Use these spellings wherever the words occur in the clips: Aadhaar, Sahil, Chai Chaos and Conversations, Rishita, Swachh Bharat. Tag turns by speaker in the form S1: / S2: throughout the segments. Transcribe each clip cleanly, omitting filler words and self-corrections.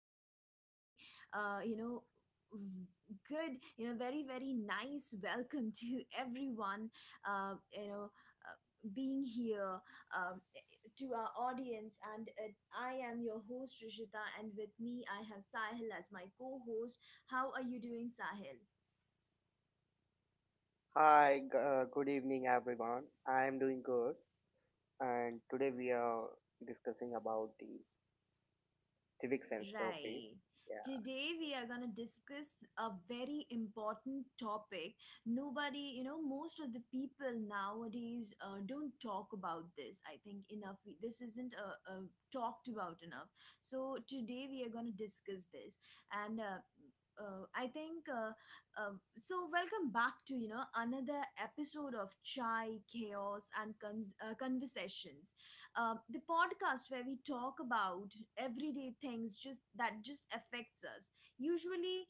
S1: very, uh, you know, v- very, very nice welcome to everyone, uh, you know, uh, being here um, to our audience. And I am your host, Rishita, and with me I have Sahil as my co host. How are you doing, Sahil?
S2: Hi, good evening, everyone. I am doing good, and today we are discussing about the civic sense topic.
S1: Right.
S2: Yeah,
S1: Today we are going to discuss a very important topic. Nobody, you know, most of the people nowadays don't talk about this. I think enough. This isn't talked about enough. So today we are going to discuss this. And I think uh, Welcome back to you know another episode of Chai Chaos and Conversations, the podcast where we talk about everyday things just that just affects us usually,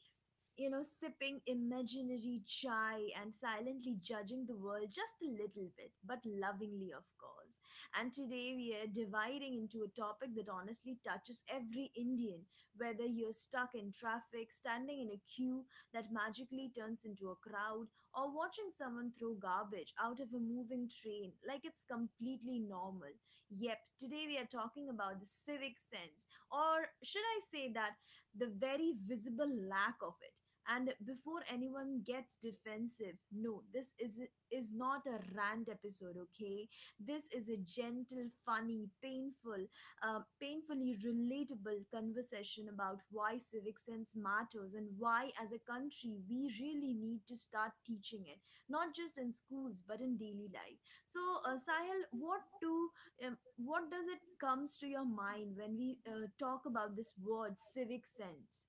S1: you know, sipping imaginary chai and silently judging the world just a little bit, but lovingly, of course. And today we are dividing into a topic that honestly touches every Indian, whether you're stuck in traffic, standing in a queue that magically turns into a crowd, or watching someone throw garbage out of a moving train like it's completely normal. Yep, today we are talking about the civic sense, or should I say that the very visible lack of it. And before anyone gets defensive, no, this is not a rant episode. Okay, this is a gentle, funny, painful, painfully relatable conversation about why civic sense matters and why as a country we really need to start teaching it, not just in schools but in daily life. So Sahil, what does it comes to your mind when we talk about this word civic sense?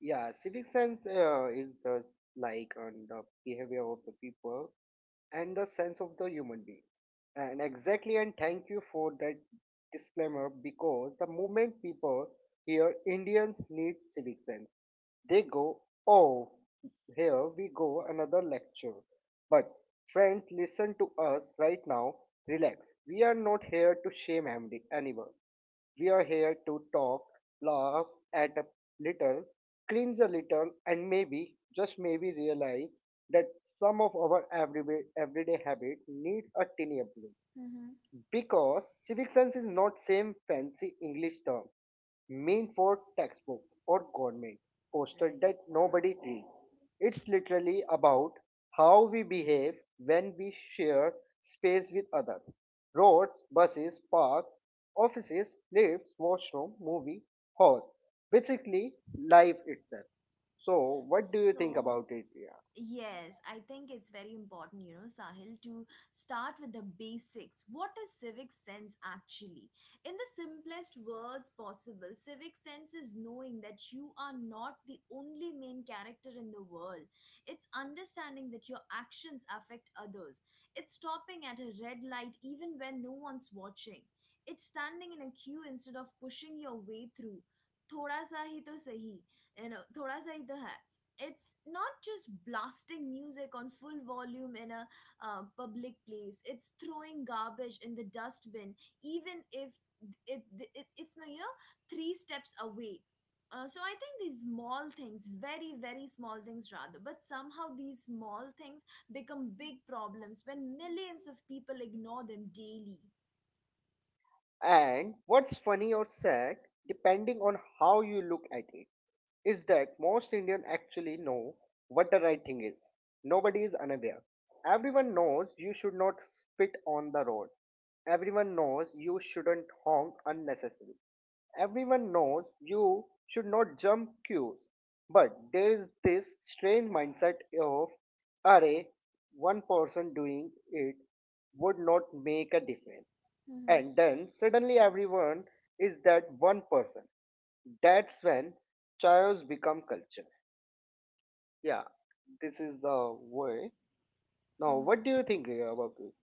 S2: yeah, civic sense is the like on the behavior of the people and the sense of the human being. And exactly, and thank you for that disclaimer because the moment people hear Indians need civic sense, they go, oh, here we go, another lecture. But, friends, listen to us right now. Relax. We are not here to shame MD anyone. We are here to talk, laugh at a little, cringe a little, and maybe, just maybe, realize that some of our everyday habit needs a tiny upgrade.
S1: Mm-hmm.
S2: Because civic sense is not same fancy English term mean for textbook or government poster
S1: Right.
S2: that nobody reads. It's literally about how we behave when we share space with others. Roads, buses, parks, offices, lifts, washroom, movie halls. Basically, life itself. So, what do you think
S1: So,
S2: about it, Priya?
S1: yes, I think it's very important, you know, Sahil, to start with the basics. What is civic sense actually? In the simplest words possible, civic sense is knowing that you are not the only main character in the world. It's understanding that your actions affect others. It's stopping at a red light even when no one's watching. It's standing in a queue instead of pushing your way through. थोड़ा सा ही तो सही, you know, थोड़ा सा ही तो है. It's not just blasting music on full volume in a public place. It's throwing garbage in the dustbin even if it, it's you know three steps away. So I think these small things, very very small things rather, but somehow these small things become big problems when millions of people ignore them daily.
S2: And what's funny or sad, depending on how you look at it, is that most Indians actually know what the right thing is. Nobody is unaware. Everyone knows you should not spit on the road. Everyone knows you shouldn't honk unnecessarily. Everyone knows you should not jump queues. But there is this strange mindset of, array, one person doing it would not make a difference,
S1: Mm-hmm.
S2: and then suddenly everyone is that one person. That's when chaos become culture. Yeah, this is the way. Now what do you think, Riya, about this?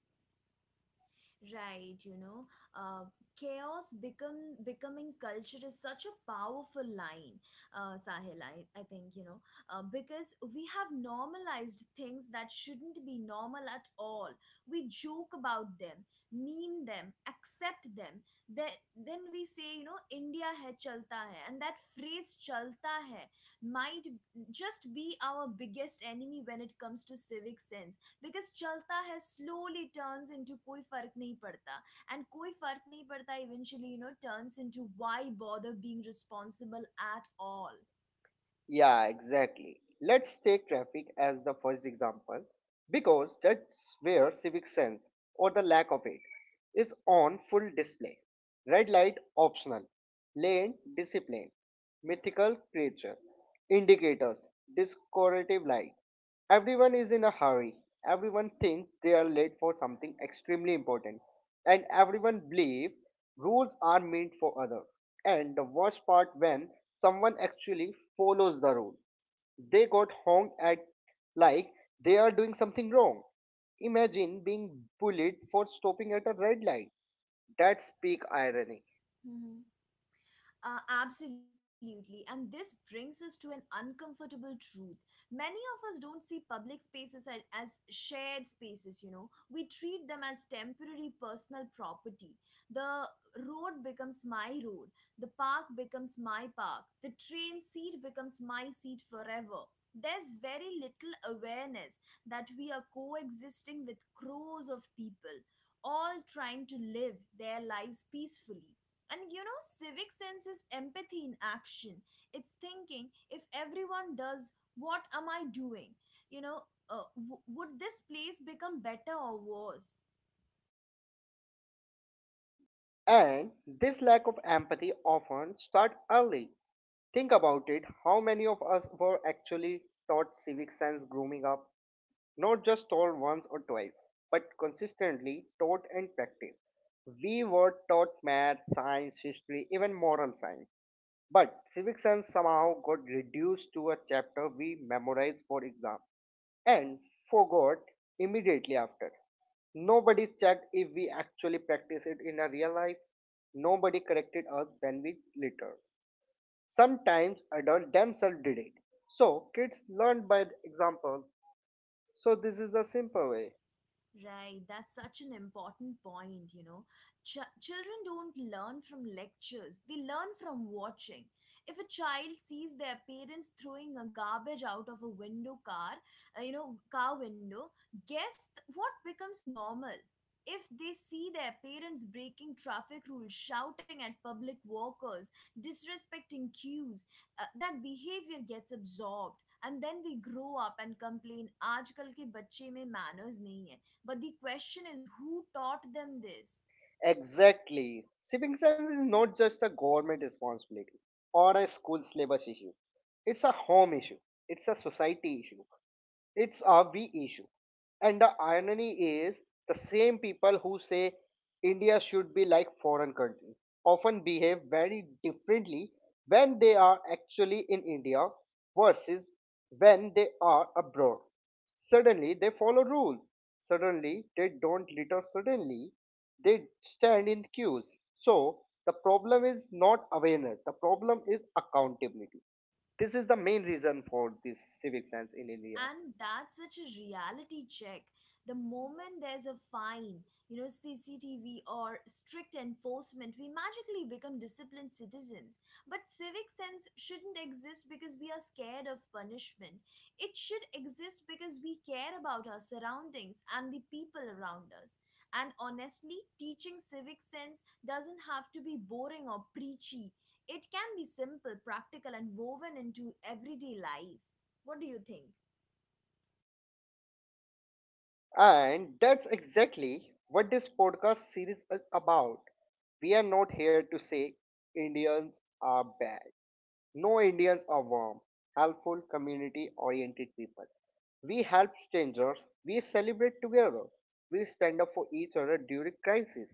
S1: Right, you know, uh, chaos become becoming culture is such a powerful line, Sahil. I think you know because we have normalized things that shouldn't be normal at all. We joke about them, meme them, accept them. Then we say, you know, India hai chalta hai, and that phrase chalta hai might just be our biggest enemy when it comes to civic sense. Because चलता है slowly turns into कोई फर्क नहीं पड़ता and कोई फर्क नहीं पड़ता eventually you know turns into why bother being responsible at all.
S2: Yeah, exactly, let's take traffic as the first example. Because that's where civic sense, or the lack of it, is on full display. Red light optional, lane discipline, mythical creature, indicators, decorative light. Everyone is in a hurry. Everyone thinks they are late for something extremely important. And everyone believes rules are meant for others. And the worst part when someone actually follows the rule. They got honked at like they are doing something wrong. Imagine being bullied for stopping at a red light. That's peak irony.
S1: Absolutely. And this brings us to an uncomfortable truth. Many of us don't see public spaces as shared spaces, you know. We treat them as temporary personal property. The road becomes my road, the park becomes my park, the train seat becomes my seat forever. There's very little awareness that we are coexisting with crows of people, all trying to live their lives peacefully, and you know, civic sense is empathy in action. It's thinking if everyone does, what am I doing? You know, would this place become better or worse?
S2: And this lack of empathy often starts early. Think about it, how many of us were actually taught civic sense growing up? Not just told once or twice, but consistently taught and practiced. We were taught math, science, history, even moral science. But civic science somehow got reduced to a chapter we memorized for exam and forgot immediately after. Nobody checked if we actually practiced it in a real life. Nobody corrected us when we later. Sometimes adults themselves did it. So kids learn by the examples. So this is the simple way.
S1: Right, that's such an important point, you know. Children don't learn from lectures, they learn from watching. If a child sees their parents throwing a garbage out of a window car, car window, guess what becomes normal? If they see their parents breaking traffic rules, shouting at public walkers, disrespecting cues, that behavior gets absorbed. And then we grow up and complain, आजकल के बच्चे में manners नहीं है." But the question is who taught them this?
S2: Exactly. Civic science is not just a government responsibility or a school syllabus issue. It's a home issue. It's a society issue. It's a we issue. And the irony is, the same people who say India should be like foreign countries often behave very differently when they are actually in India versus when they are abroad. Suddenly they follow rules. Suddenly they don't litter. Suddenly they stand in queues. So the problem is not awareness. The problem is accountability. This is the main reason for this civic sense in India.
S1: And that's such a reality check. The moment there's a fine, you know, CCTV or strict enforcement, we magically become disciplined citizens. But civic sense shouldn't exist because we are scared of punishment. It should exist because we care about our surroundings and the people around us. And honestly, teaching civic sense doesn't have to be boring or preachy. It can be simple, practical, and woven into everyday life. What do you think?
S2: And that's exactly what this podcast series is about. We are not here to say Indians are bad. No, Indians are warm, helpful, community oriented people. We help strangers, we celebrate together, we stand up for each other during crisis.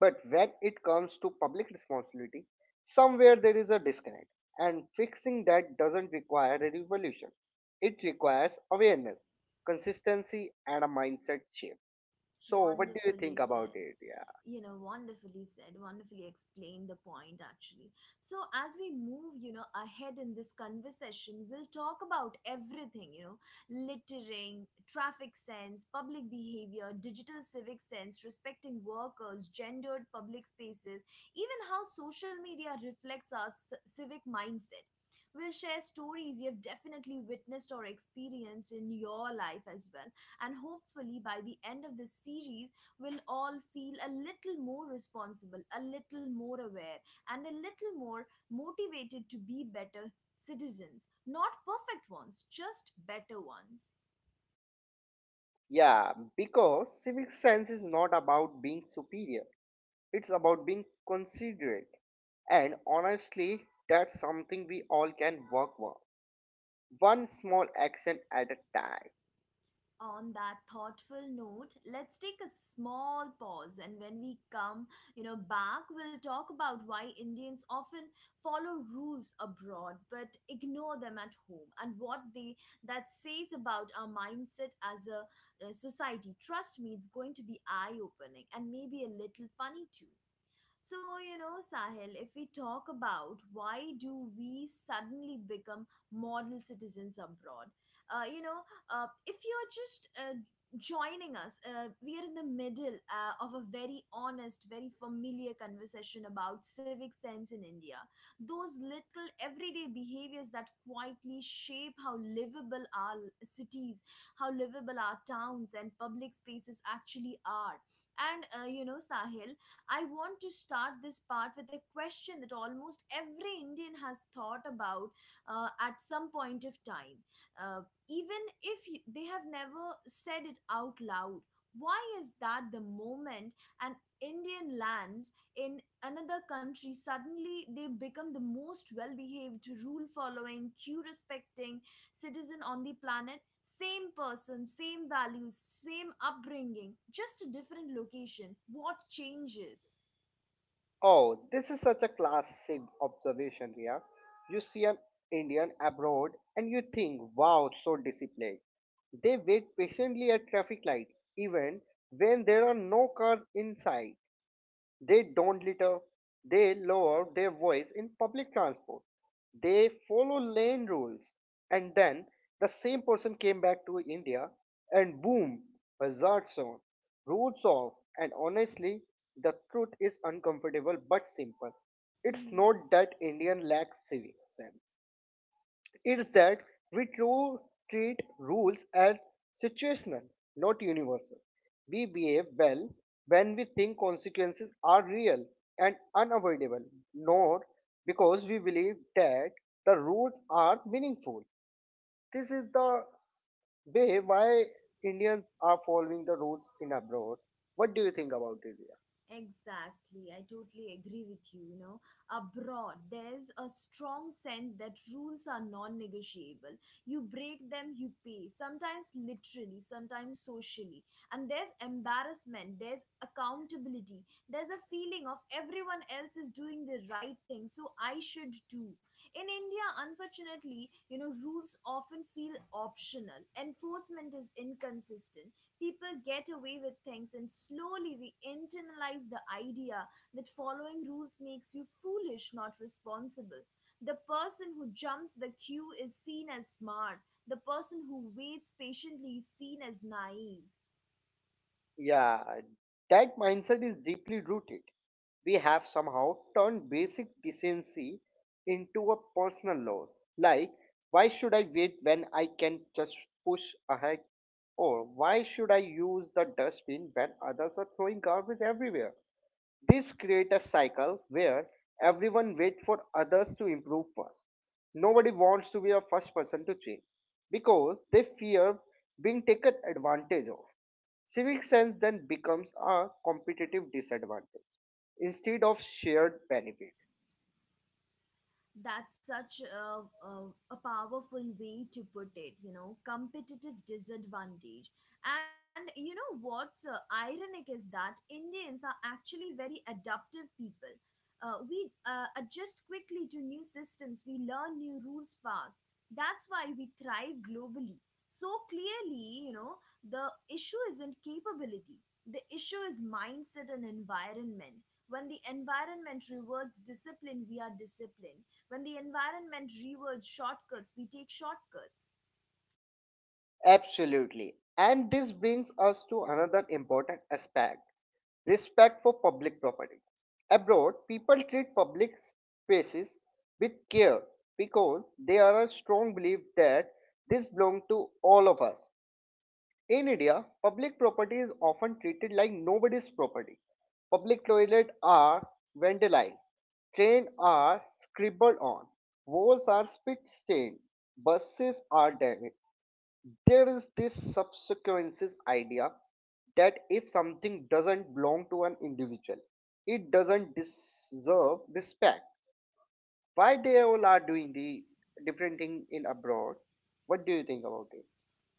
S2: But when it comes to public responsibility, somewhere there is a disconnect, and fixing that doesn't require a revolution. It requires awareness, consistency, and a mindset shift. So, what do you
S1: Wonderfully
S2: think about
S1: said,
S2: it? Yeah,
S1: you know, wonderfully said, wonderfully explained the point actually. So as we move, you know, ahead in this conversation, we'll talk about everything, you know, littering, traffic sense, public behavior, digital civic sense, respecting workers, gendered public spaces, even how social media reflects our civic mindset. We'll share stories you've definitely witnessed or experienced in your life as well. And hopefully, by the end of this series, will all feel a little more responsible, a little more aware, and a little more motivated to be better citizens. Not perfect ones, just better ones.
S2: yeah. Because civic sense is not about being superior; it's about being considerate. And honestly, that's something we all can work on, one small action at a time.
S1: On that thoughtful note, let's take a small pause, and when we come, you know, back, we'll talk about why Indians often follow rules abroad but ignore them at home and what they that says about our mindset as a, society. Trust me, it's going to be eye-opening and maybe a little funny too. So, you know, Sahil, if we talk about why do we suddenly become model citizens abroad, uh, you know, if you're just joining us, we are in the middle of a very honest, very familiar conversation about civic sense in India. Those little everyday behaviors that quietly shape how livable our cities, how livable our towns and public spaces actually are. And, you know, Sahil, I want to start this part with a question that almost every Indian has thought about at some point of time, uh, even if they have never said it out loud. Why is that the moment an Indian lands in another country, suddenly they become the most well behaved, rule following, queue respecting, citizen on the planet? Same person, same values, same upbringing, just a different location. What changes?
S2: Oh, this is such a classic observation, Ria. You see an Indian abroad and you think, wow, so disciplined. They wait patiently at traffic light, even when there are no cars in sight. They don't litter. They lower their voice in public transport. They follow lane rules. And then the same person came back to India and boom, hazard zone, roads off. And honestly, the truth is uncomfortable but simple. It's not that Indian lack civic sense. It's that we too treat rules as situational, not universal. We behave well when we think consequences are real and unavoidable, not because we believe that the rules are meaningful. This is the s- Way why Indians are following the rules in abroad. What do you think about it?
S1: Exactly, I totally agree with you. You know, abroad, there's a strong sense that rules are non negotiable. You break them, you pay, sometimes literally, sometimes socially. And there's embarrassment, there's accountability, there's a feeling of everyone else is doing the right thing, so I should too. In India, unfortunately, you know, rules often feel optional, enforcement is inconsistent. People get away with things, and slowly we internalize the idea that following rules makes you foolish, not responsible. The person who jumps the queue is seen as smart, the person who waits patiently is seen as naive.
S2: Yeah, that mindset is deeply rooted. We have somehow turned basic decency into a personal law. Like, why should I wait when I can just push ahead? Or why should I use the dustbin when others are throwing garbage everywhere? This creates a cycle where everyone waits for others to improve first. Nobody wants to be the first person to change because they fear being taken advantage of. Civic sense then becomes a competitive disadvantage instead of shared benefit.
S1: That's such a, a powerful way to put it, you know, competitive disadvantage. And you know what's ironic is that Indians are actually very adaptive people. We adjust quickly to new systems, we learn new rules fast. That's why we thrive globally. So clearly, you know, the issue isn't capability, the issue is mindset and environment. When the environment rewards discipline, we are disciplined. When the environment rewards shortcuts, we take shortcuts.
S2: Absolutely. And this brings us to another important aspect, respect for public property. Abroad, people treat public spaces with care because they are a strong belief that this belongs to all of us. In India, public property is often treated like nobody's property. Public toilets are vandalized, trains are scribbled on, walls are spit stained, buses are damaged. There is this subsequences idea that if something doesn't belong to an individual, it doesn't deserve respect. Why they all are doing the different thing in abroad? What do you think about it?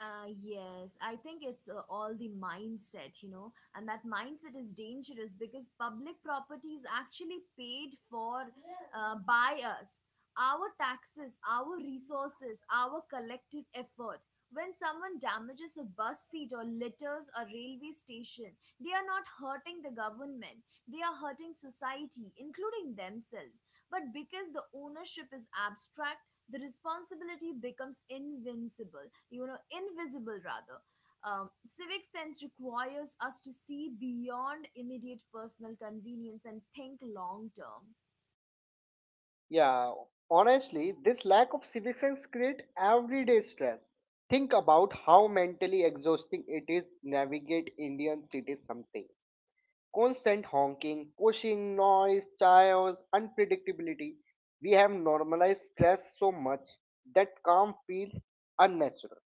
S1: Yes, I think it's all the mindset, you know, and that mindset is dangerous because public property is actually paid for by us. Our taxes, our resources, our collective effort. When someone damages a bus seat or litters a railway station, they are not hurting the government, they are hurting society, including themselves. But because the ownership is abstract, the responsibility becomes invincible, you know, invisible rather. Civic sense requires us to see beyond immediate personal convenience and think long term.
S2: Yeah, honestly, this lack of civic sense creates everyday stress. Think about how mentally exhausting it is navigate Indian cities something. Constant honking, pushing noise, chaos, unpredictability. We have normalized stress so much that calm feels unnatural.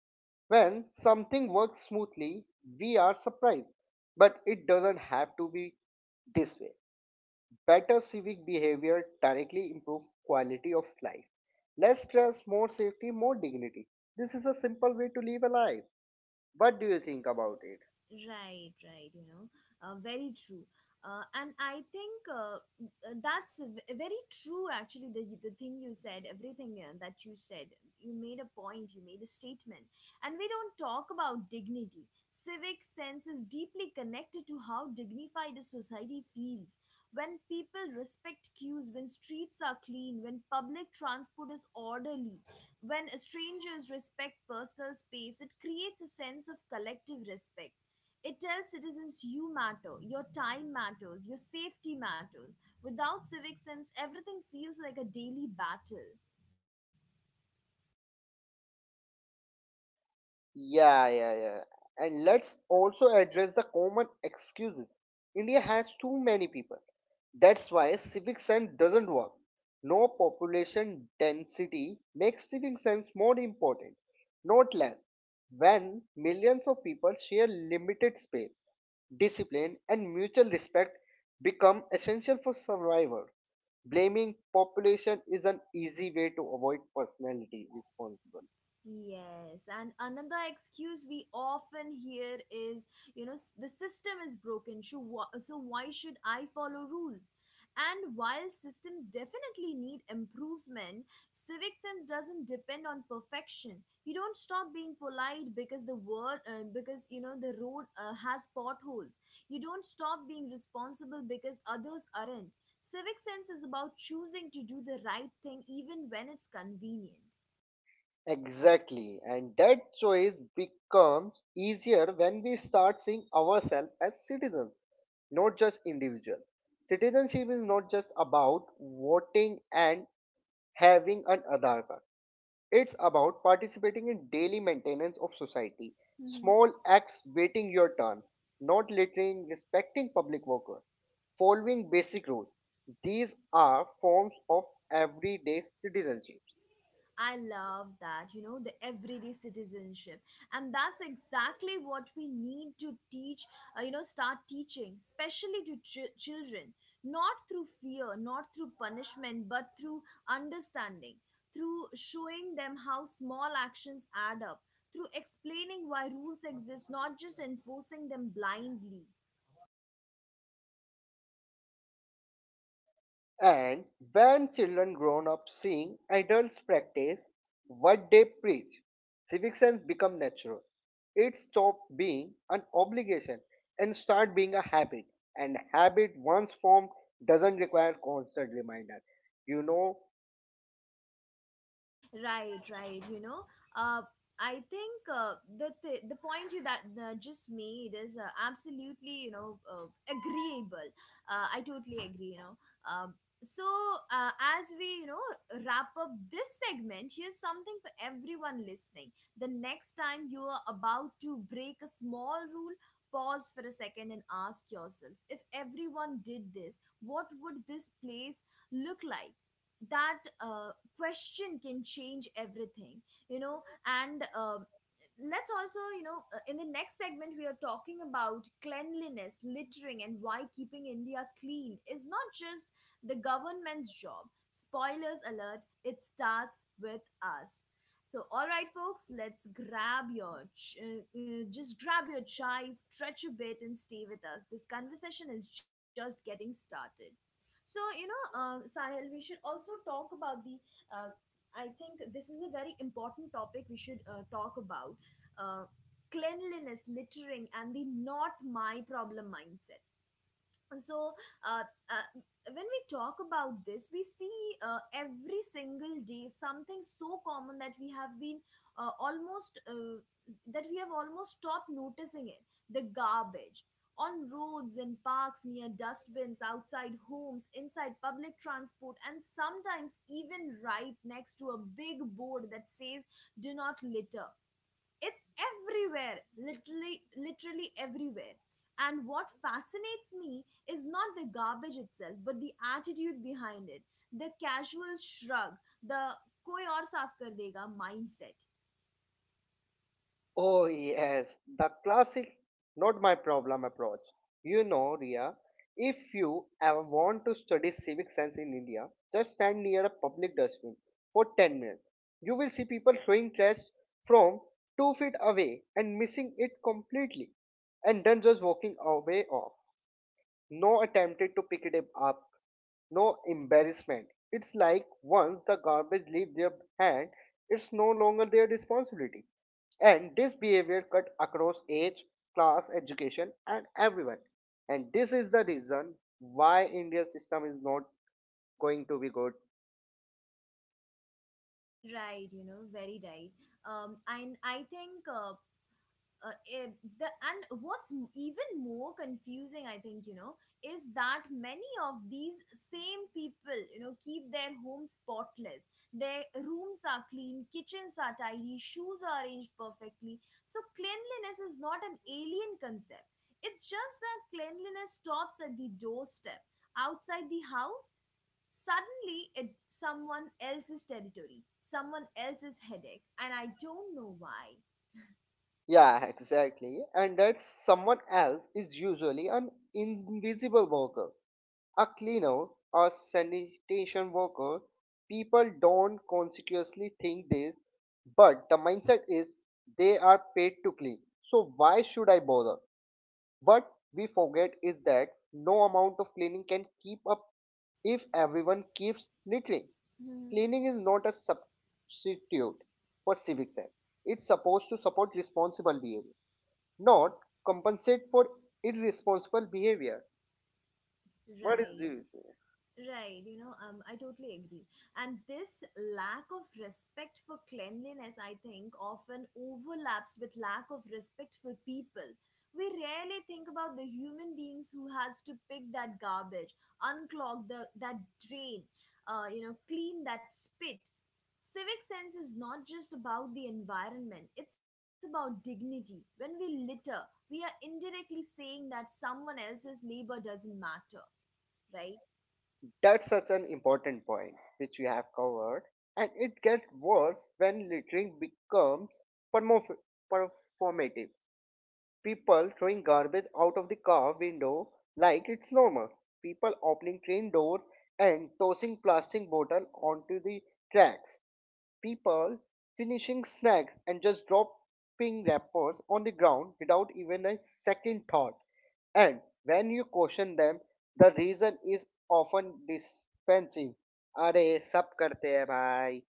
S2: When something works smoothly, we are surprised, but it doesn't have to be this way. Better civic behavior directly improve quality of life. Less stress, more safety, more dignity. This is a simple way to live a life. What do you think about it?
S1: Right, right, you know, very true. And I think that's very true, actually, the thing you said, everything that you said. You made a point, you made a statement. And we don't talk about dignity. Civic sense is deeply connected to how dignified a society feels. When people respect queues, when streets are clean, when public transport is orderly, when strangers respect personal space, it creates a sense of collective respect. It tells citizens you matter, your time matters, your safety matters. Without civic sense, everything feels like a daily battle.
S2: Yeah, yeah, yeah. And let's also address the common excuses. India has too many people. That's why civic sense doesn't work. No, population density makes civic sense more important, not less. When millions of people share limited space, discipline, and mutual respect become essential for survival. Blaming population is an easy way to avoid personality responsibility.
S1: Yes, and another excuse we often hear is, you know, the system is broken. So why should I follow rules? And while systems definitely need improvement, civic sense doesn't depend on perfection. You don't stop being polite because the world, because you know the road has potholes. You don't stop being responsible because others aren't. Civic sense is about choosing to do the right thing even when it's convenient.
S2: Exactly, and that choice becomes easier when we start seeing ourselves as citizens, not just individuals. Citizenship is not just about voting and having an Aadhaar card. It's about participating in daily maintenance of society, small acts waiting your turn, not littering, respecting public workers, following basic rules. These are forms of everyday citizenship.
S1: I love that, you know, the everyday citizenship. And that's exactly what we need to teach, start teaching, especially to children, not through fear, not through punishment, but through understanding, through showing them how small actions add up, through explaining why rules exist, not just enforcing them blindly.
S2: And when children grown up seeing adults practice what they preach, civic sense become natural. It stops being an obligation and start being a habit. And habit once formed doesn't require constant reminder. You know,
S1: Right, right. Uh, I think the the point you that just made is absolutely agreeable. I totally agree. Um, so uh, as we wrap up this segment, here's something for everyone listening. The next time you are about to break a small rule, pause for a second and ask yourself, if everyone did this, what would this place look like? That question can change everything, you know and let's also, in the next segment, we are talking about cleanliness, littering, and why keeping India clean is not just the government's job. Spoilers alert, it starts with us. So, all right, folks, let's grab your ch- just grab your chai, stretch a bit, and stay with us. This conversation is just getting started. So, Sahil, we should also talk about the uh, I think this is a very important topic we should talk about, uh, cleanliness, littering, and the not my problem mindset. And so, uh, uh, when we talk about this, we see every single day something so common that we have been almost that we have almost stopped noticing it. The garbage on roads, in parks, near dustbins, outside homes, inside public transport, and sometimes even right next to a big board that says do not litter. It's everywhere, literally, literally everywhere. And what fascinates me is not the garbage itself but the attitude behind it, the casual shrug, the koi aur saaf kar dega mindset.
S2: oh, yes, the classic not my problem approach. You know, Ria, if you ever want to study civic sense in India, just stand near a public dustbin for 10 minutes. You will see people throwing trash from 2 feet away and missing it completely, and then just walking away off, no attempted to pick it up, no embarrassment. It's like once the garbage leaves their hand, it's no longer their responsibility. And this behavior cut across age, class, education, and everyone. And this is the reason why India's system is not going to be good.
S1: Right, you know, very right. And I think eh, the and what's even more confusing, I think, you know, is that many of these same people, you know, keep their homes spotless, their rooms are clean, kitchens are tidy, shoes are arranged perfectly. So cleanliness is not an alien concept. It's just that cleanliness stops at the doorstep. Outside the house, suddenly it's someone else's territory, someone else's headache, and I don't know why.
S2: Yeah, exactly. And that someone else is usually an invisible worker. A cleaner, a sanitation worker, people don't consciously think this, but the mindset is they are paid to clean. So why should I bother? What we forget is that no amount of cleaning can keep up if everyone keeps littering.
S1: Hmm.
S2: Cleaning is not a substitute for civic sense. It's supposed to support responsible behavior, not compensate for irresponsible behavior. What is
S1: Right.
S2: this?
S1: Right, I totally agree. And this lack of respect for cleanliness, I think, often overlaps with lack of respect for people. We rarely think about the human beings who has to pick that garbage, unclog the that drain, clean that spit. Civic sense is not just about the environment, it's about dignity. When we litter, we are indirectly saying that someone else's labor doesn't matter, right?
S2: That's such an important point, which you have covered, and it gets worse when littering becomes permo- performative. People throwing garbage out of the car window like it's normal. People opening train doors and tossing plastic bottles onto the tracks. People finishing snacks and just dropping wrappers on the ground without even a second thought. And when you question them, the reason is often defensive. अरे सब करते हैं भाई.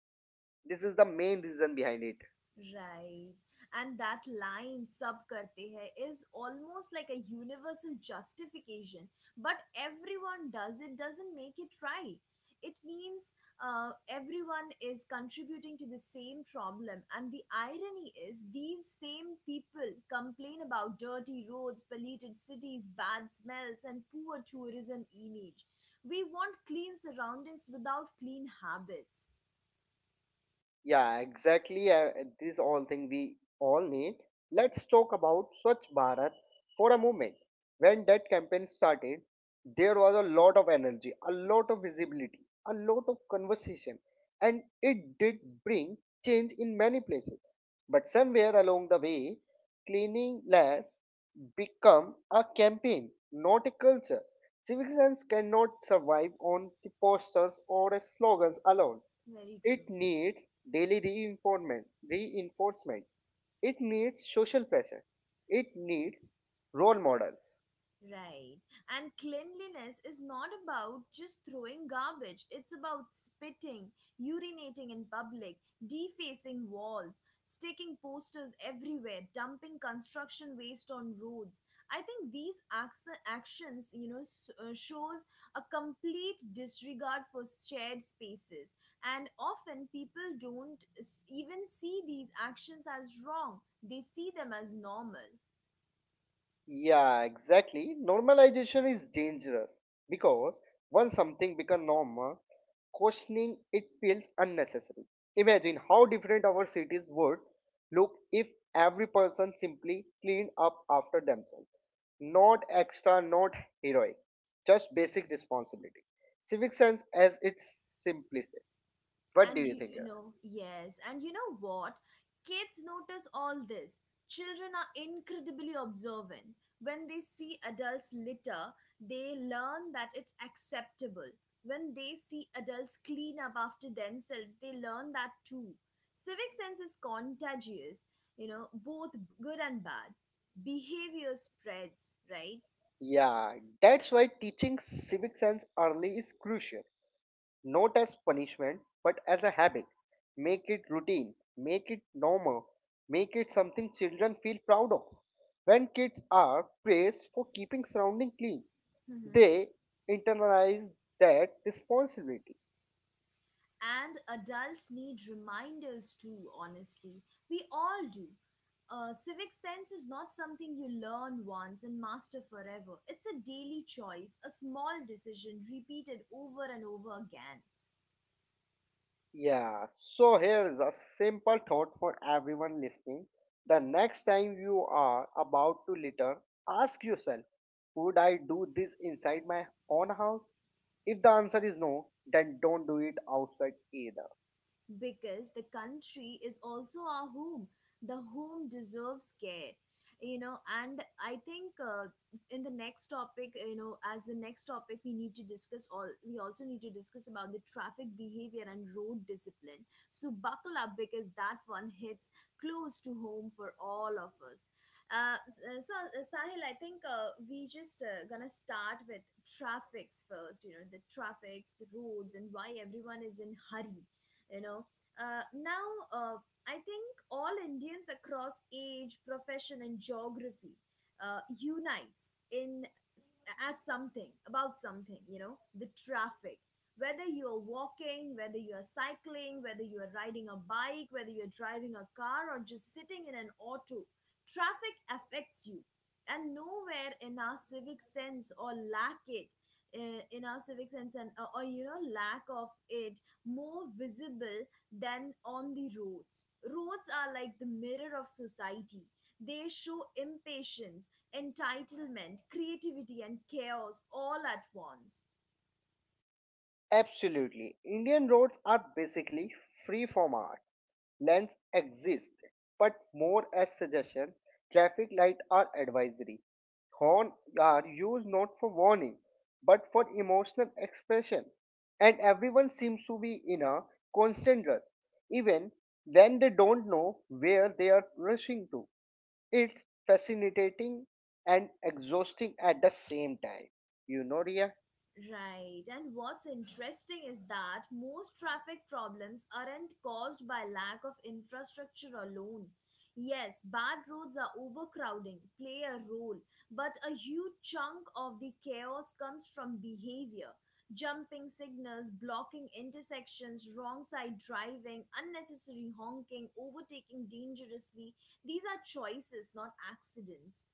S2: This is the main reason behind it.
S1: Right. And that line, sub karte hai, is almost like a universal justification. But everyone does it, doesn't make it right. It means everyone is contributing to the same problem. And the irony is, these same people complain about dirty roads, polluted cities, bad smells, and poor tourism image. We want clean surroundings without clean habits.
S2: Yeah, exactly. This all thing we all need. Let's talk about Swachh Bharat for a moment. When that campaign started, there was a lot of energy, a lot of visibility, a lot of conversation, and it did bring change in many places. But somewhere along the way, cleaning less become a campaign, not a culture. Civic sense cannot survive on the posters or slogans alone,
S1: Very true.
S2: it needs daily reinforcement. It needs social pressure. It needs role models.
S1: Right. And cleanliness is not about just throwing garbage. It's about spitting, urinating in public, defacing walls, sticking posters everywhere, dumping construction waste on roads. I think these actions, shows a complete disregard for shared spaces. And often people don't even see these actions as wrong. They see them as normal.
S2: Yeah, exactly. Normalization is dangerous because once something becomes normal, questioning it feels unnecessary. Imagine how different our cities would look if every person simply cleaned up after themselves. Not extra, not heroic, just basic responsibility. Civic sense as its simplicity. What do
S1: And
S2: you
S1: you,
S2: think,
S1: you
S2: Kiran?
S1: know, yes. And you know what? Kids notice all this. Children are incredibly observant. When they see adults litter, they learn that it's acceptable. When they see adults clean up after themselves, they learn that too. Civic sense is contagious, you know, both good and bad. Behavior spreads, right?
S2: Yeah, that's why teaching civic sense early is crucial, not as punishment, but as a habit. Make it routine, make it normal, make it something children feel proud of. When kids are praised for keeping surrounding clean, they internalize that responsibility.
S1: And adults need reminders too, honestly. We all do. Civic sense is not something you learn once and master forever. It's a daily choice, a small decision repeated over and over again.
S2: Yeah, so here is a simple thought for everyone listening. The next time you are about to litter, ask yourself, would I do this inside my own house? If the answer is no, then don't do it outside either.
S1: Because the country is also our home. The home deserves care, you know. And I think in the next topic, you know, as the next topic, we need to discuss all. We also need to discuss about the traffic behavior and road discipline. So buckle up because that one hits close to home for all of us. Sahil, I think we just gonna start with traffics first. You know, the traffics, the roads, and why everyone is in hurry, you know now, uh, I think all Indians across age, profession, and geography unites in at something, about something, you know, the traffic, whether you are walking, whether you are cycling, whether you are riding a bike, whether you're driving a car, or just sitting in an auto, traffic affects you. And nowhere in our civic sense or lack it, in our civic sense and or you know, lack of it, more visible than on the roads. Roads are like the mirror of society. They show impatience, entitlement, creativity, and chaos all at once.
S2: Absolutely. Indian roads are basically free from art. Lanes exist, but more as suggestion. Traffic light are advisory. Horn are used not for warning, but for emotional expression. And everyone seems to be in a constant rush, even when they don't know where they are rushing to. It's fascinating and exhausting at the same time. You know, Ria?
S1: Right, and what's interesting is that most traffic problems aren't caused by lack of infrastructure alone. Yes, bad roads are overcrowding, play a role, but a huge chunk of the chaos comes from behavior. Jumping signals, blocking intersections, wrong side driving, unnecessary honking, overtaking dangerously. These are choices, not accidents.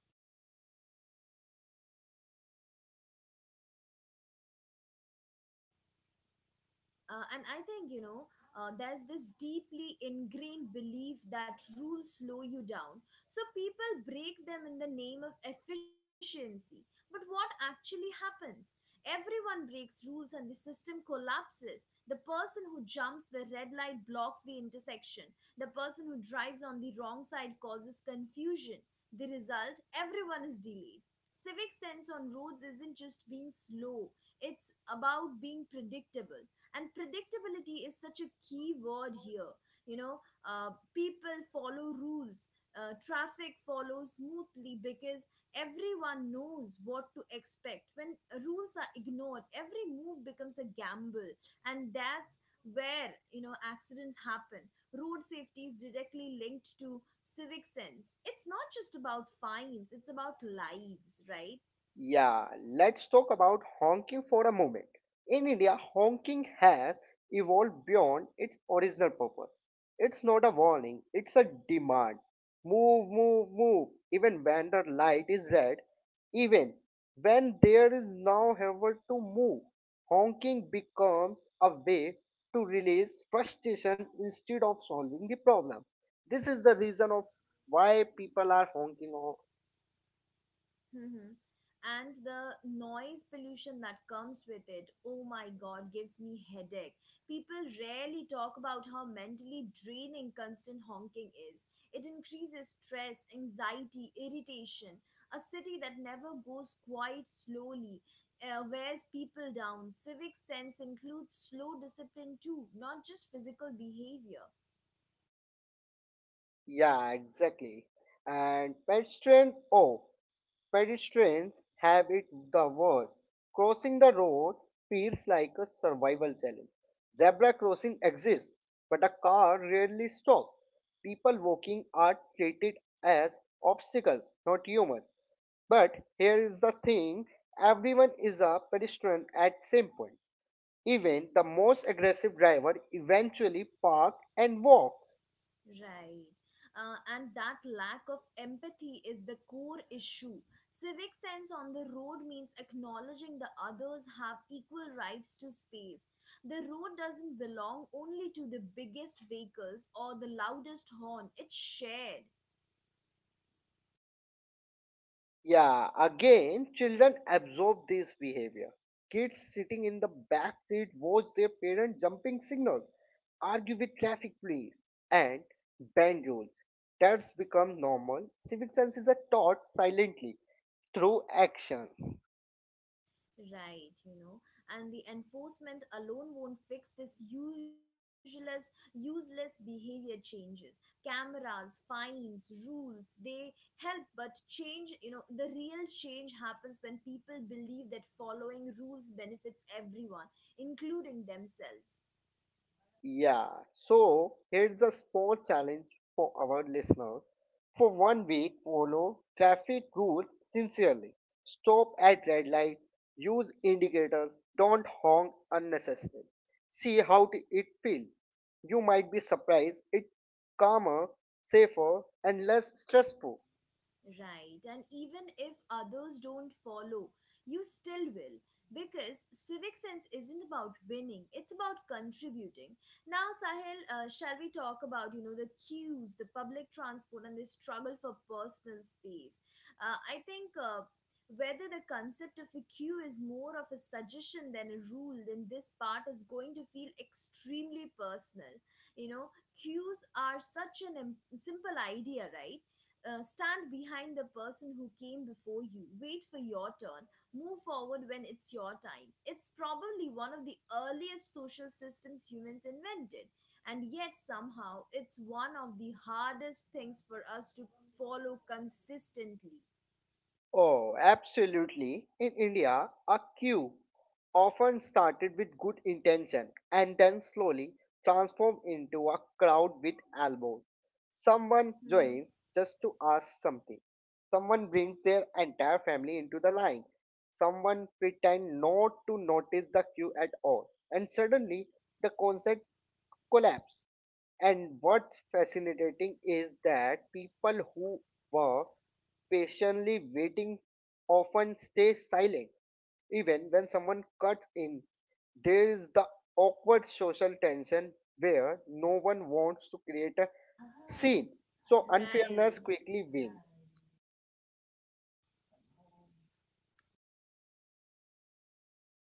S1: And I think, there's this deeply ingrained belief that rules slow you down. So people break them in the name of efficiency. But what actually happens? Everyone breaks rules and the system collapses. The person who jumps the red light blocks the intersection. The person who drives on the wrong side causes confusion. The result, everyone is delayed. Civic sense on roads isn't just being slow, it's about being predictable, and predictability is such a key word here, you know people follow rules, traffic follows smoothly because everyone knows what to expect. When rules are ignored, every move becomes a gamble, and that's where, accidents happen. Road safety is directly linked to civic sense. It's not just about fines, it's about lives, right?
S2: Yeah, let's talk about honking for a moment. In India, honking has evolved beyond its original purpose. It's not a warning, it's a demand. Move, move, move. Even when the light is red, even when there is no effort to move, honking becomes a way to release frustration instead of solving the problem. This is the reason of why people are honking.
S1: Mm-hmm. And the noise pollution that comes with it, oh my god, gives me headache. People rarely talk about how mentally draining constant honking is. It increases stress, anxiety, irritation. A city that never goes quiet slowly wears people down. Civic sense includes slow discipline too, not just physical behavior.
S2: Yeah, exactly. And pedestrians, oh, pedestrians have it the worst. Crossing the road feels like a survival challenge. Zebra crossing exists, but a car rarely stops. People walking are treated as obstacles, not humans. But here is the thing, everyone is a pedestrian at some point. Even the most aggressive driver eventually parks and walks.
S1: Right. And that lack of empathy is the core issue. Civic sense on the road means acknowledging the others have equal rights to space. The road doesn't belong only to the biggest vehicles or the loudest horn, it's shared.
S2: Yeah, again, children absorb this behavior. Kids sitting in the back seat watch their parents jumping signals, argue with traffic police, and bend rules. That's become normal. Civic senses are taught silently through actions.
S1: Right, you know, and the enforcement alone won't fix this, useless, useless behavior changes. Cameras, fines, rules, they help, but change, you know, the real change happens when people believe that following rules benefits everyone, including themselves.
S2: Yeah, so here's a small challenge for our listeners. For one week, follow traffic rules sincerely. Stop at red light, use indicators, don't honk unnecessarily. See how it feels. You might be surprised, it's calmer, safer, and less stressful.
S1: Right. And even if others don't follow, you still will. Because civic sense isn't about winning, it's about contributing. Now, Sahil, shall we talk about, you know, the queues, the public transport, and the struggle for personal space? I think whether the concept of a queue is more of a suggestion than a rule, then this part is going to feel extremely personal. You know, queues are such an simple idea, right? Stand behind the person who came before you, wait for your turn, move forward when it's your time. It's probably one of the earliest social systems humans invented, and yet somehow it's one of the hardest things for us to follow consistently.
S2: Oh, absolutely. In India, a queue often started with good intention and then slowly transformed into a crowd with elbows. Someone
S1: Mhm.
S2: joins just to ask something. Someone brings their entire family into the line. Someone pretend not to notice the queue at all. And suddenly the concert collapse. And what's fascinating is that people who were patiently waiting often stay silent even when someone cuts in. There is the awkward social tension where no one wants to create a scene, so unfairness
S1: Right,
S2: quickly wins.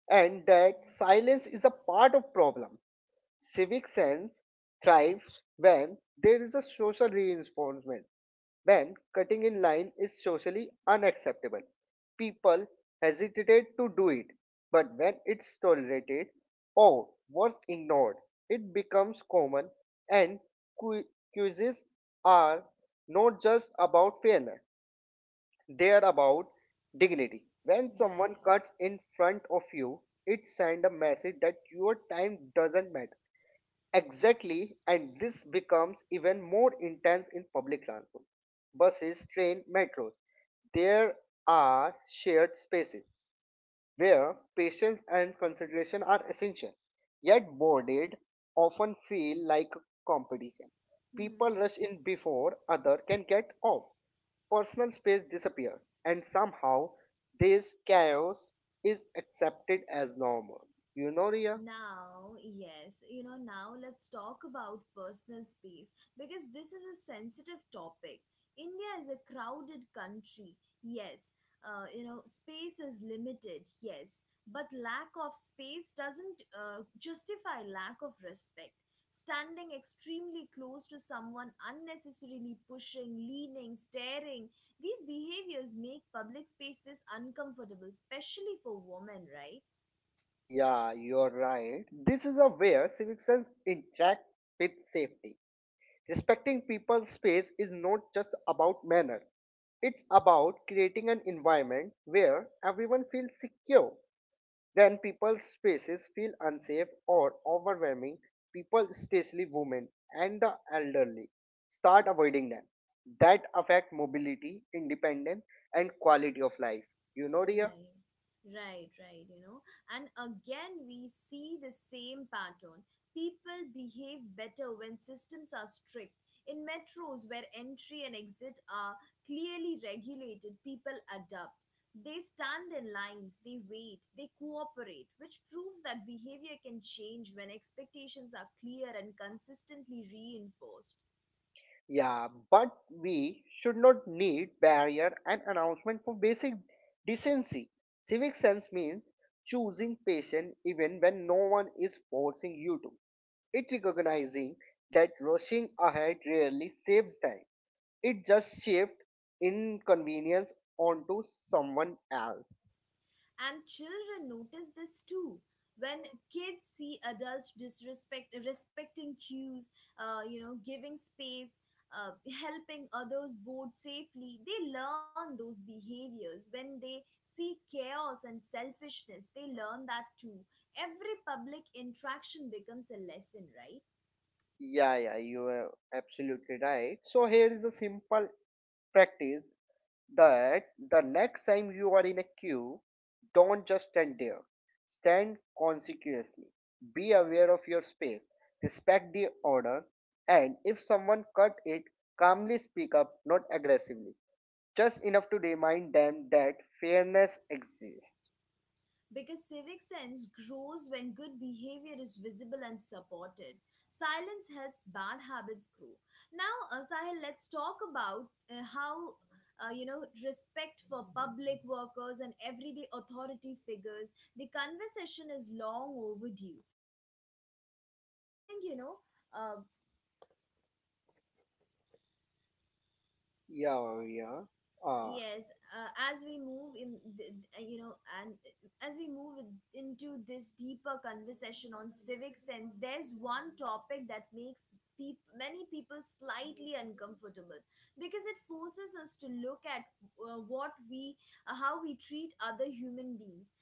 S2: And that silence is a part of problem. Civic sense thrives when there is a social reinforcement. When cutting in line is socially unacceptable, people hesitate to do it. But when it's tolerated or worse ignored, it becomes common, and cu- quizzes are not just about fairness, they are about dignity. When someone
S1: right.
S2: cuts in front of you, it sends a message that your time doesn't matter. Exactly, and this becomes even more intense in public transport. Buses, train, metros. There are shared spaces where patience and concentration are essential. Yet boarded often feel like a competition. People
S1: Mhm.
S2: rush in before other can get off. Personal space disappears, and somehow this chaos is accepted as normal. You know, Ria?
S1: Now, yes, you know, now let's talk about personal space because this is a sensitive topic. India is a crowded country, yes. You know, space is limited, yes. But lack of space doesn't justify lack of respect. Standing extremely close to someone, unnecessarily pushing, leaning, staring, these behaviors make public spaces uncomfortable, especially for women, right?
S2: Yeah, you're right. This is a where civic sense interact with safety. Respecting people's space is not just about manner. It's about creating an environment where everyone feels secure. When people's spaces feel unsafe or overwhelming, people, especially women and the elderly, start avoiding them. That affect mobility, independence, and quality of life. You know, Ria?
S1: Right, right, right, you know. And again, we see the same pattern. People behave better when systems are strict. In metros where entry and exit are clearly regulated, people adapt. They stand in lines, they wait, they cooperate, which proves that behavior can change when expectations are clear and consistently reinforced.
S2: Yeah, but we should not need barrier and announcement for basic decency. Civic sense means choosing patience even when no one is forcing you to. It recognizing that rushing ahead rarely saves time. It just shifts inconvenience onto someone else.
S1: And children notice this too. When kids see adults disrespect respecting cues, giving space, uh, helping others board safely, they learn those behaviors. When they see chaos and selfishness, they learn that too. Every public interaction becomes a lesson, right?
S2: Yeah, yeah, you are absolutely right. So here is a simple practice that the next time you are in a queue, don't just stand there. Stand conspicuously. Be aware of your space. Respect the order. And if someone cut it, calmly speak up, not aggressively. Just enough to remind them that fairness exists.
S1: Because civic sense grows when good behavior is visible and supported. Silence helps bad habits grow. Now, Sahil, let's talk about how you know, respect for public workers and everyday authority figures. The conversation is long overdue. I think, you know. Uh,
S2: Yeah, yeah. Ah,
S1: Yes, as we move in, the, you know, and as we move into this deeper conversation on civic sense, there's one topic that makes many people slightly uncomfortable because it forces us to look at uh, what we, how we treat other human beings,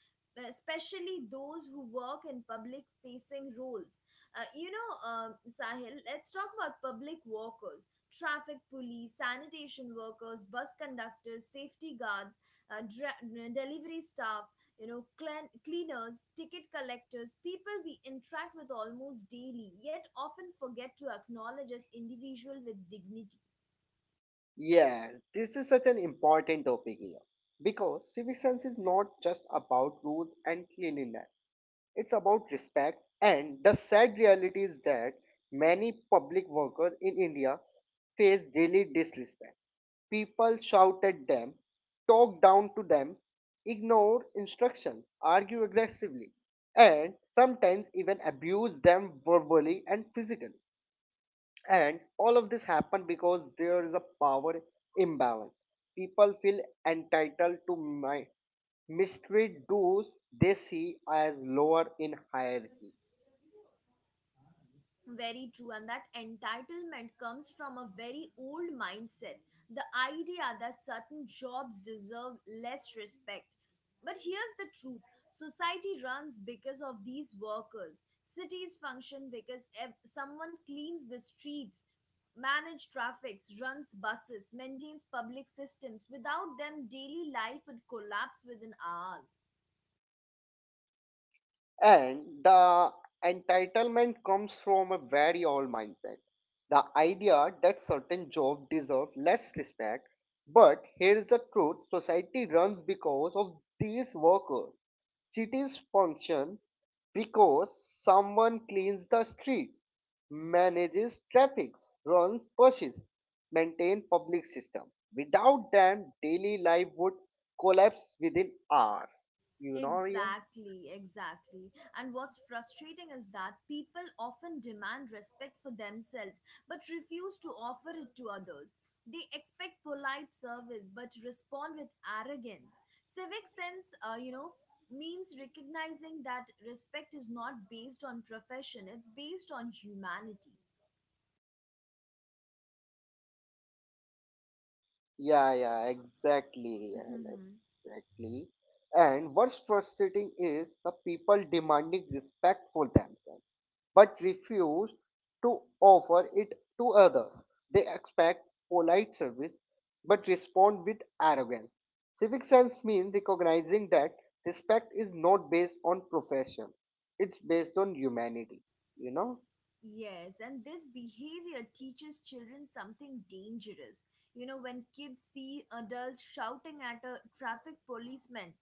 S1: especially those who work in public facing roles. Sahil, let's talk about public workers: traffic police, sanitation workers, bus conductors, safety guards, uh, dra- delivery staff, cleaners, ticket collectors, people we interact with almost daily, yet often forget to acknowledge as individual with dignity.
S2: yeah. This is such an important topic here. Because civic sense is not just about rules and cleanliness. It's about respect, and the sad reality is that many public workers in India face daily disrespect. People shout at them, talk down to them, ignore instructions, argue aggressively, and sometimes even abuse them verbally and physically. And all of this happened because there is a power imbalance. People feel entitled to my mistreat those they see as lower in hierarchy.
S1: Very true, and that entitlement comes from a very old mindset, the idea that certain jobs deserve less respect. But here's the truth: society runs because of these workers, cities function because someone cleans the streets, manage traffics, runs buses, maintains public systems. Without them, daily life would collapse within hours.
S2: And the entitlement comes from a very old mindset. The idea that certain jobs deserve less respect. But here is the truth, society runs because of these workers. Cities function because someone cleans the street, manages traffic, runs buses, maintains public system. Without them, daily life would collapse within hours. You know, Arya?
S1: Exactly, exactly. And what's frustrating is that people often demand respect for themselves but refuse to offer it to others. They expect polite service but respond with arrogance. Civic sense means recognizing that respect is not based on profession, it's based on humanity.
S2: Yeah, exactly, yeah, like, exactly. And what's frustrating is the people demanding respect for themselves, but refuse to offer it to others. They expect polite service, but respond with arrogance. Civic sense means recognizing that respect is not based on profession; it's based on humanity. You know?
S1: Yes, and this behavior teaches children something dangerous. You know, when kids see adults shouting at a traffic policeman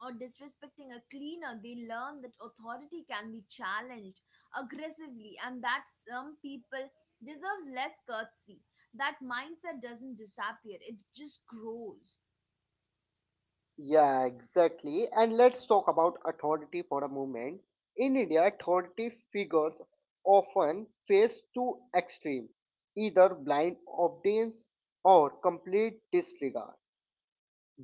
S1: or disrespecting a cleaner, they learn that authority can be challenged aggressively and that some people deserves less courtesy. That mindset doesn't disappear, it just grows.
S2: Yeah, exactly. And let's talk about authority for a moment. In India, authority figures often face two extremes, either blind obedience or complete disregard.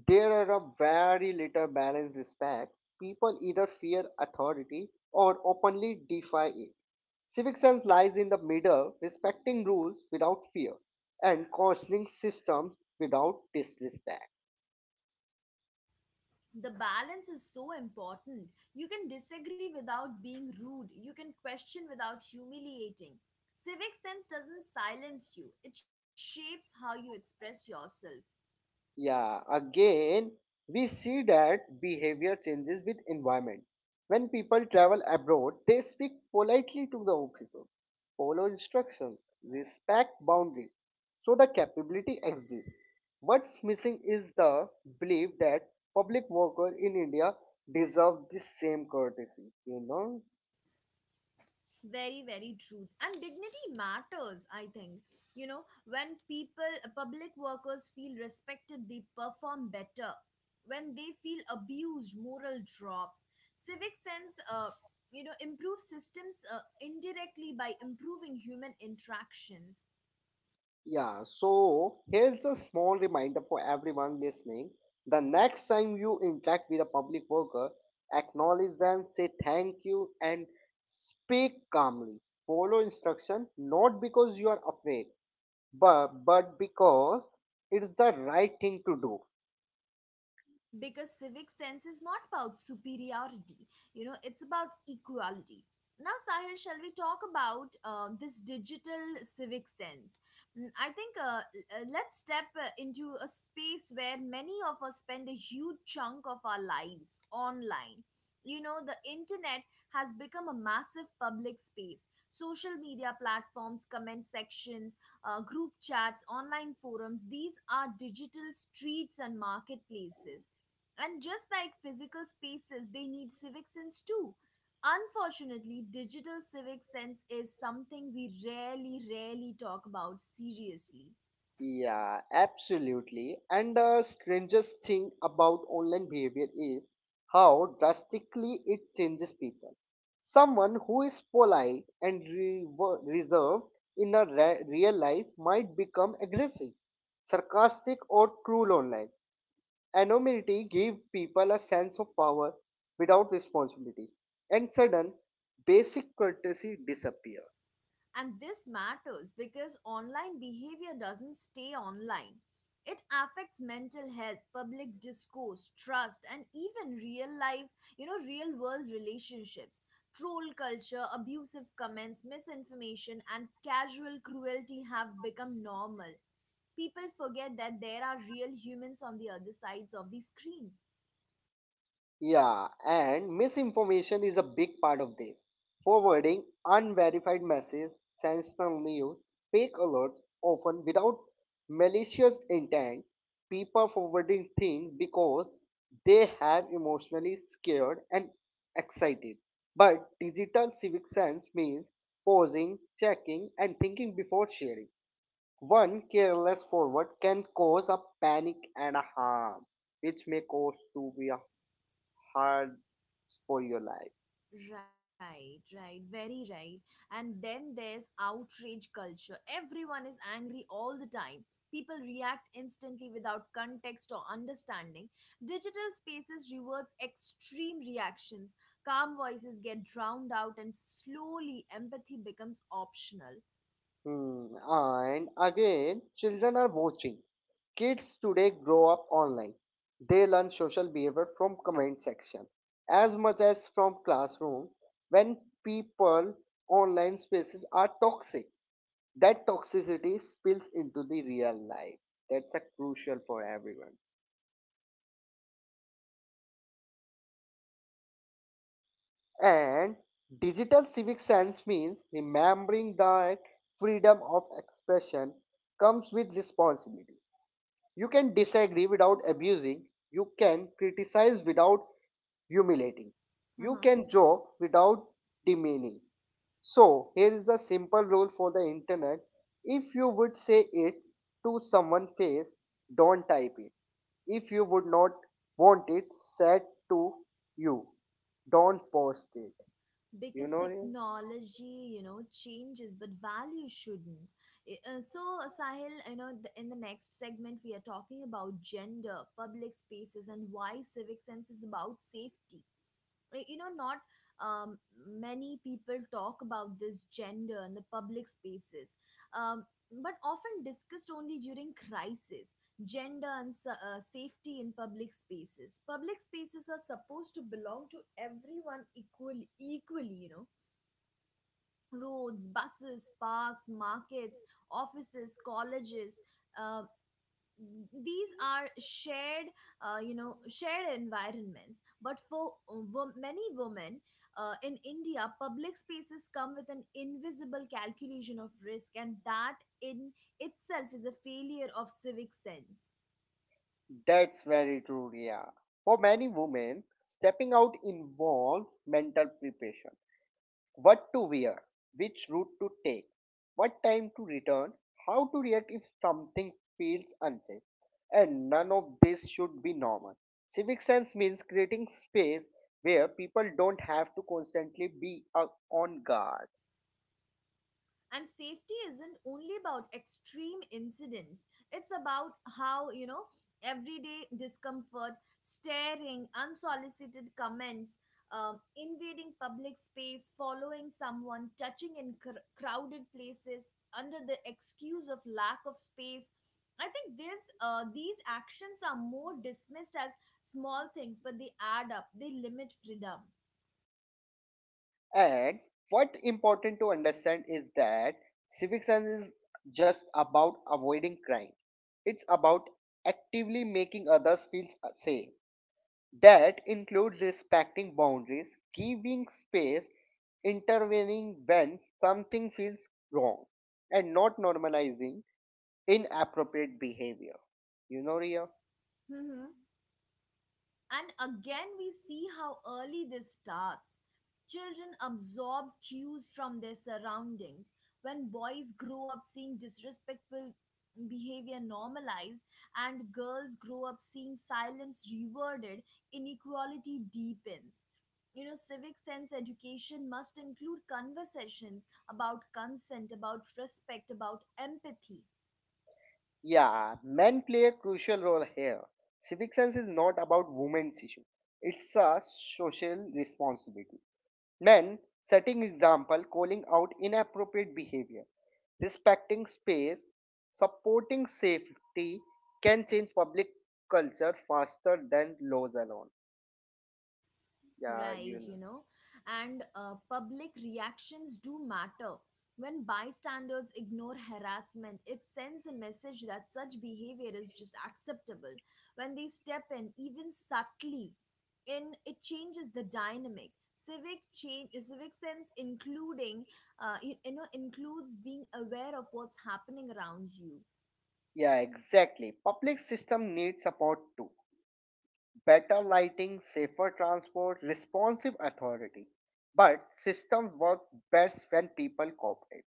S2: There are a very little balanced respect. People either fear authority or openly defy it. Civic sense lies in the middle, respecting rules without fear and cautioning systems without disrespect.
S1: The balance is so important. You can disagree without being rude, you can question without humiliating. Civic sense doesn't silence you, it shapes how you express yourself.
S2: Yeah, again, we see that behavior changes with environment. When people travel abroad, they speak politely to the people, follow instructions, respect boundaries. So the capability exists. What's missing is the belief that public worker in India deserve the same courtesy, you know?
S1: Very, very truth. And dignity matters, I think. You know, when people, public workers feel respected, they perform better. When they feel abused, moral drops. Civic sense improves systems indirectly by improving human interactions.
S2: Yeah, so here's a small reminder for everyone listening. The next time you interact with a public worker, acknowledge them, say thank you, and speak calmly. Follow instruction not because you are afraid, but because it's the right thing to do.
S1: Because civic sense is not about superiority, you know, it's about equality. Now, Sahil, shall we talk about this digital civic sense? I think let's step into a space where many of us spend a huge chunk of our lives online. You know, the internet has become a massive public space. Social media platforms, comment sections, group chats, online forums, these are digital streets and marketplaces. And just like physical spaces, they need civic sense too. Unfortunately, digital civic sense is something we rarely talk about seriously.
S2: Yeah, absolutely. And the strangest thing about online behavior is how drastically it changes people. Someone who is polite and reserved in a real life might become aggressive, sarcastic, or cruel online. Anonymity gives people a sense of power without responsibility, and sudden basic courtesy disappears.
S1: And this matters because online behavior doesn't stay online. It affects mental health, public discourse, trust, and even real life, you know, real world relationships. Troll culture, abusive comments, misinformation, and casual cruelty have become normal. People forget that there are real humans on the other sides of the screen.
S2: Yeah, and misinformation is a big part of this. Forwarding unverified messages, sensational news, fake alerts, often without malicious intent, people forwarding things because they have emotionally scared and excited. But digital civic sense means pausing, checking, and thinking before sharing. One careless forward can cause a panic and a harm, which may cause to be a hard for your life.
S1: Right, right, very right. And then there's outrage culture. Everyone is angry all the time. People react instantly without context or understanding. Digital spaces rewards extreme reactions. Calm voices get drowned out, and slowly empathy becomes optional.
S2: Hmm. And again, children are watching. Kids today grow up online. They learn social behavior from comment section as much as from classroom. When people online spaces are toxic, that toxicity spills into the real life. That's a crucial for everyone. And digital civic sense means remembering that freedom of expression comes with responsibility. You can disagree without abusing. You can criticize without humiliating. You
S1: Uh-huh.
S2: can joke without demeaning. So, here is a simple rule for the internet. If you would say it to someone's face, don't type it. If you would not want it said to you, don't post it. You
S1: Because
S2: know,
S1: technology, you know, changes but value shouldn't. I- uh, so Sahil, you know, in the next segment we are talking about gender, public spaces, and why civic sense is about safety. You know not um, Many people talk about this gender in the public spaces, um, but often discussed only during crisis. Gender and safety in public spaces: public spaces are supposed to belong to everyone equally, you know. Roads, buses, parks, markets, offices, colleges, uh, these are shared, shared environments. But for many women in India, public spaces come with an invisible calculation of risk, and that in itself is a failure of civic sense.
S2: that's very true, yeah. For many women, stepping out involves mental preparation. What to wear, which route to take, what time to return, how to react if something feels unsafe. And none of this should be normal. Civic sense means creating space where people don't have to constantly be on guard.
S1: And safety isn't only about extreme incidents, it's about, how you know, everyday discomfort: staring, unsolicited comments, invading public space, following someone, touching in crowded places under the excuse of lack of space. I think this these actions are more dismissed as small things, but they add up, they limit freedom.
S2: And what important to understand is that civic sense is just about avoiding crime. It's about actively making others feel safe. That includes respecting boundaries, giving space, intervening when something feels wrong, and not normalizing inappropriate behavior. You know, Ria?
S1: And again, we see how early this starts. Children absorb cues from their surroundings. When boys grow up seeing disrespectful behavior normalized, and girls grow up seeing silence rewarded, inequality deepens. You know, civic sense education must include conversations about consent, about respect, about empathy.
S2: Yeah, men play a crucial role here. Civic sense is not about women's issue, it's a social responsibility. Men setting example, calling out inappropriate behavior, respecting space, supporting safety can change public culture faster than laws alone. Yeah, you
S1: Right, you
S2: know.
S1: know. And public reactions do matter. When bystanders ignore harassment, it sends a message that such behavior is just acceptable. When they step in, even subtly, in it changes the dynamic. Civic sense including includes being aware of what's happening around you.
S2: Yeah, exactly. Public system needs support too. Better lighting, safer transport, responsive authority. But systems work best when people cooperate.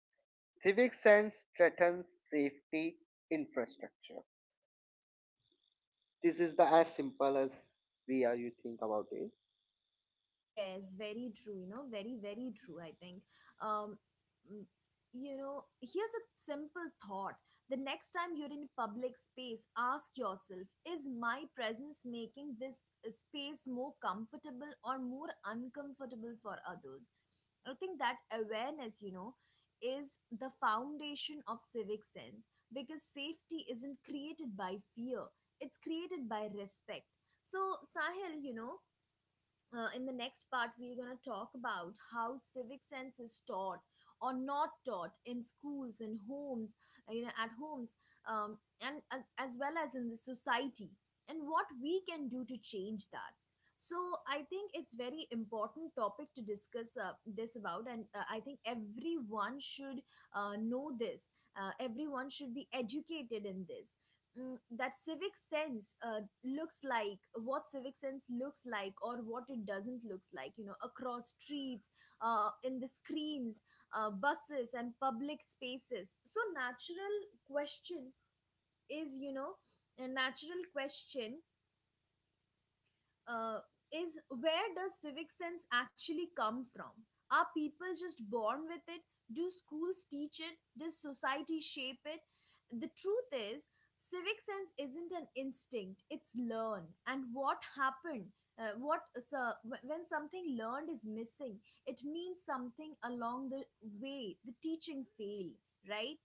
S2: Civic sense threatens safety infrastructure. This is the as simple as we are you think about it.
S1: Yes, very true. You know, very, very true, I think. Um, mm, you know, here's a simple thought. The next time you're in public space, ask yourself, is my presence making this space more comfortable or more uncomfortable for others? I think that awareness, you know, is the foundation of civic sense because safety isn't created by fear, it's created by respect. So, Sahil, you know, in the next part we're going to talk about how civic sense is taught or not taught in schools and homes, at homes, um, and as well as in the society, and what we can do to change that. So I think it's very important topic to discuss this about, and I think everyone should know this, everyone should be educated in this, that civic sense looks like, what civic sense looks like or what it doesn't looks like, you know, across streets, in the screens, buses and public spaces. So natural question is, you know, a natural question uh, is where does civic sense actually come from? Are people just born with it? Do schools teach it? Does society shape it? The truth is, civic sense isn't an instinct, it's learned. And what happened? When something learned is missing, it means something along the way the teaching failed, right?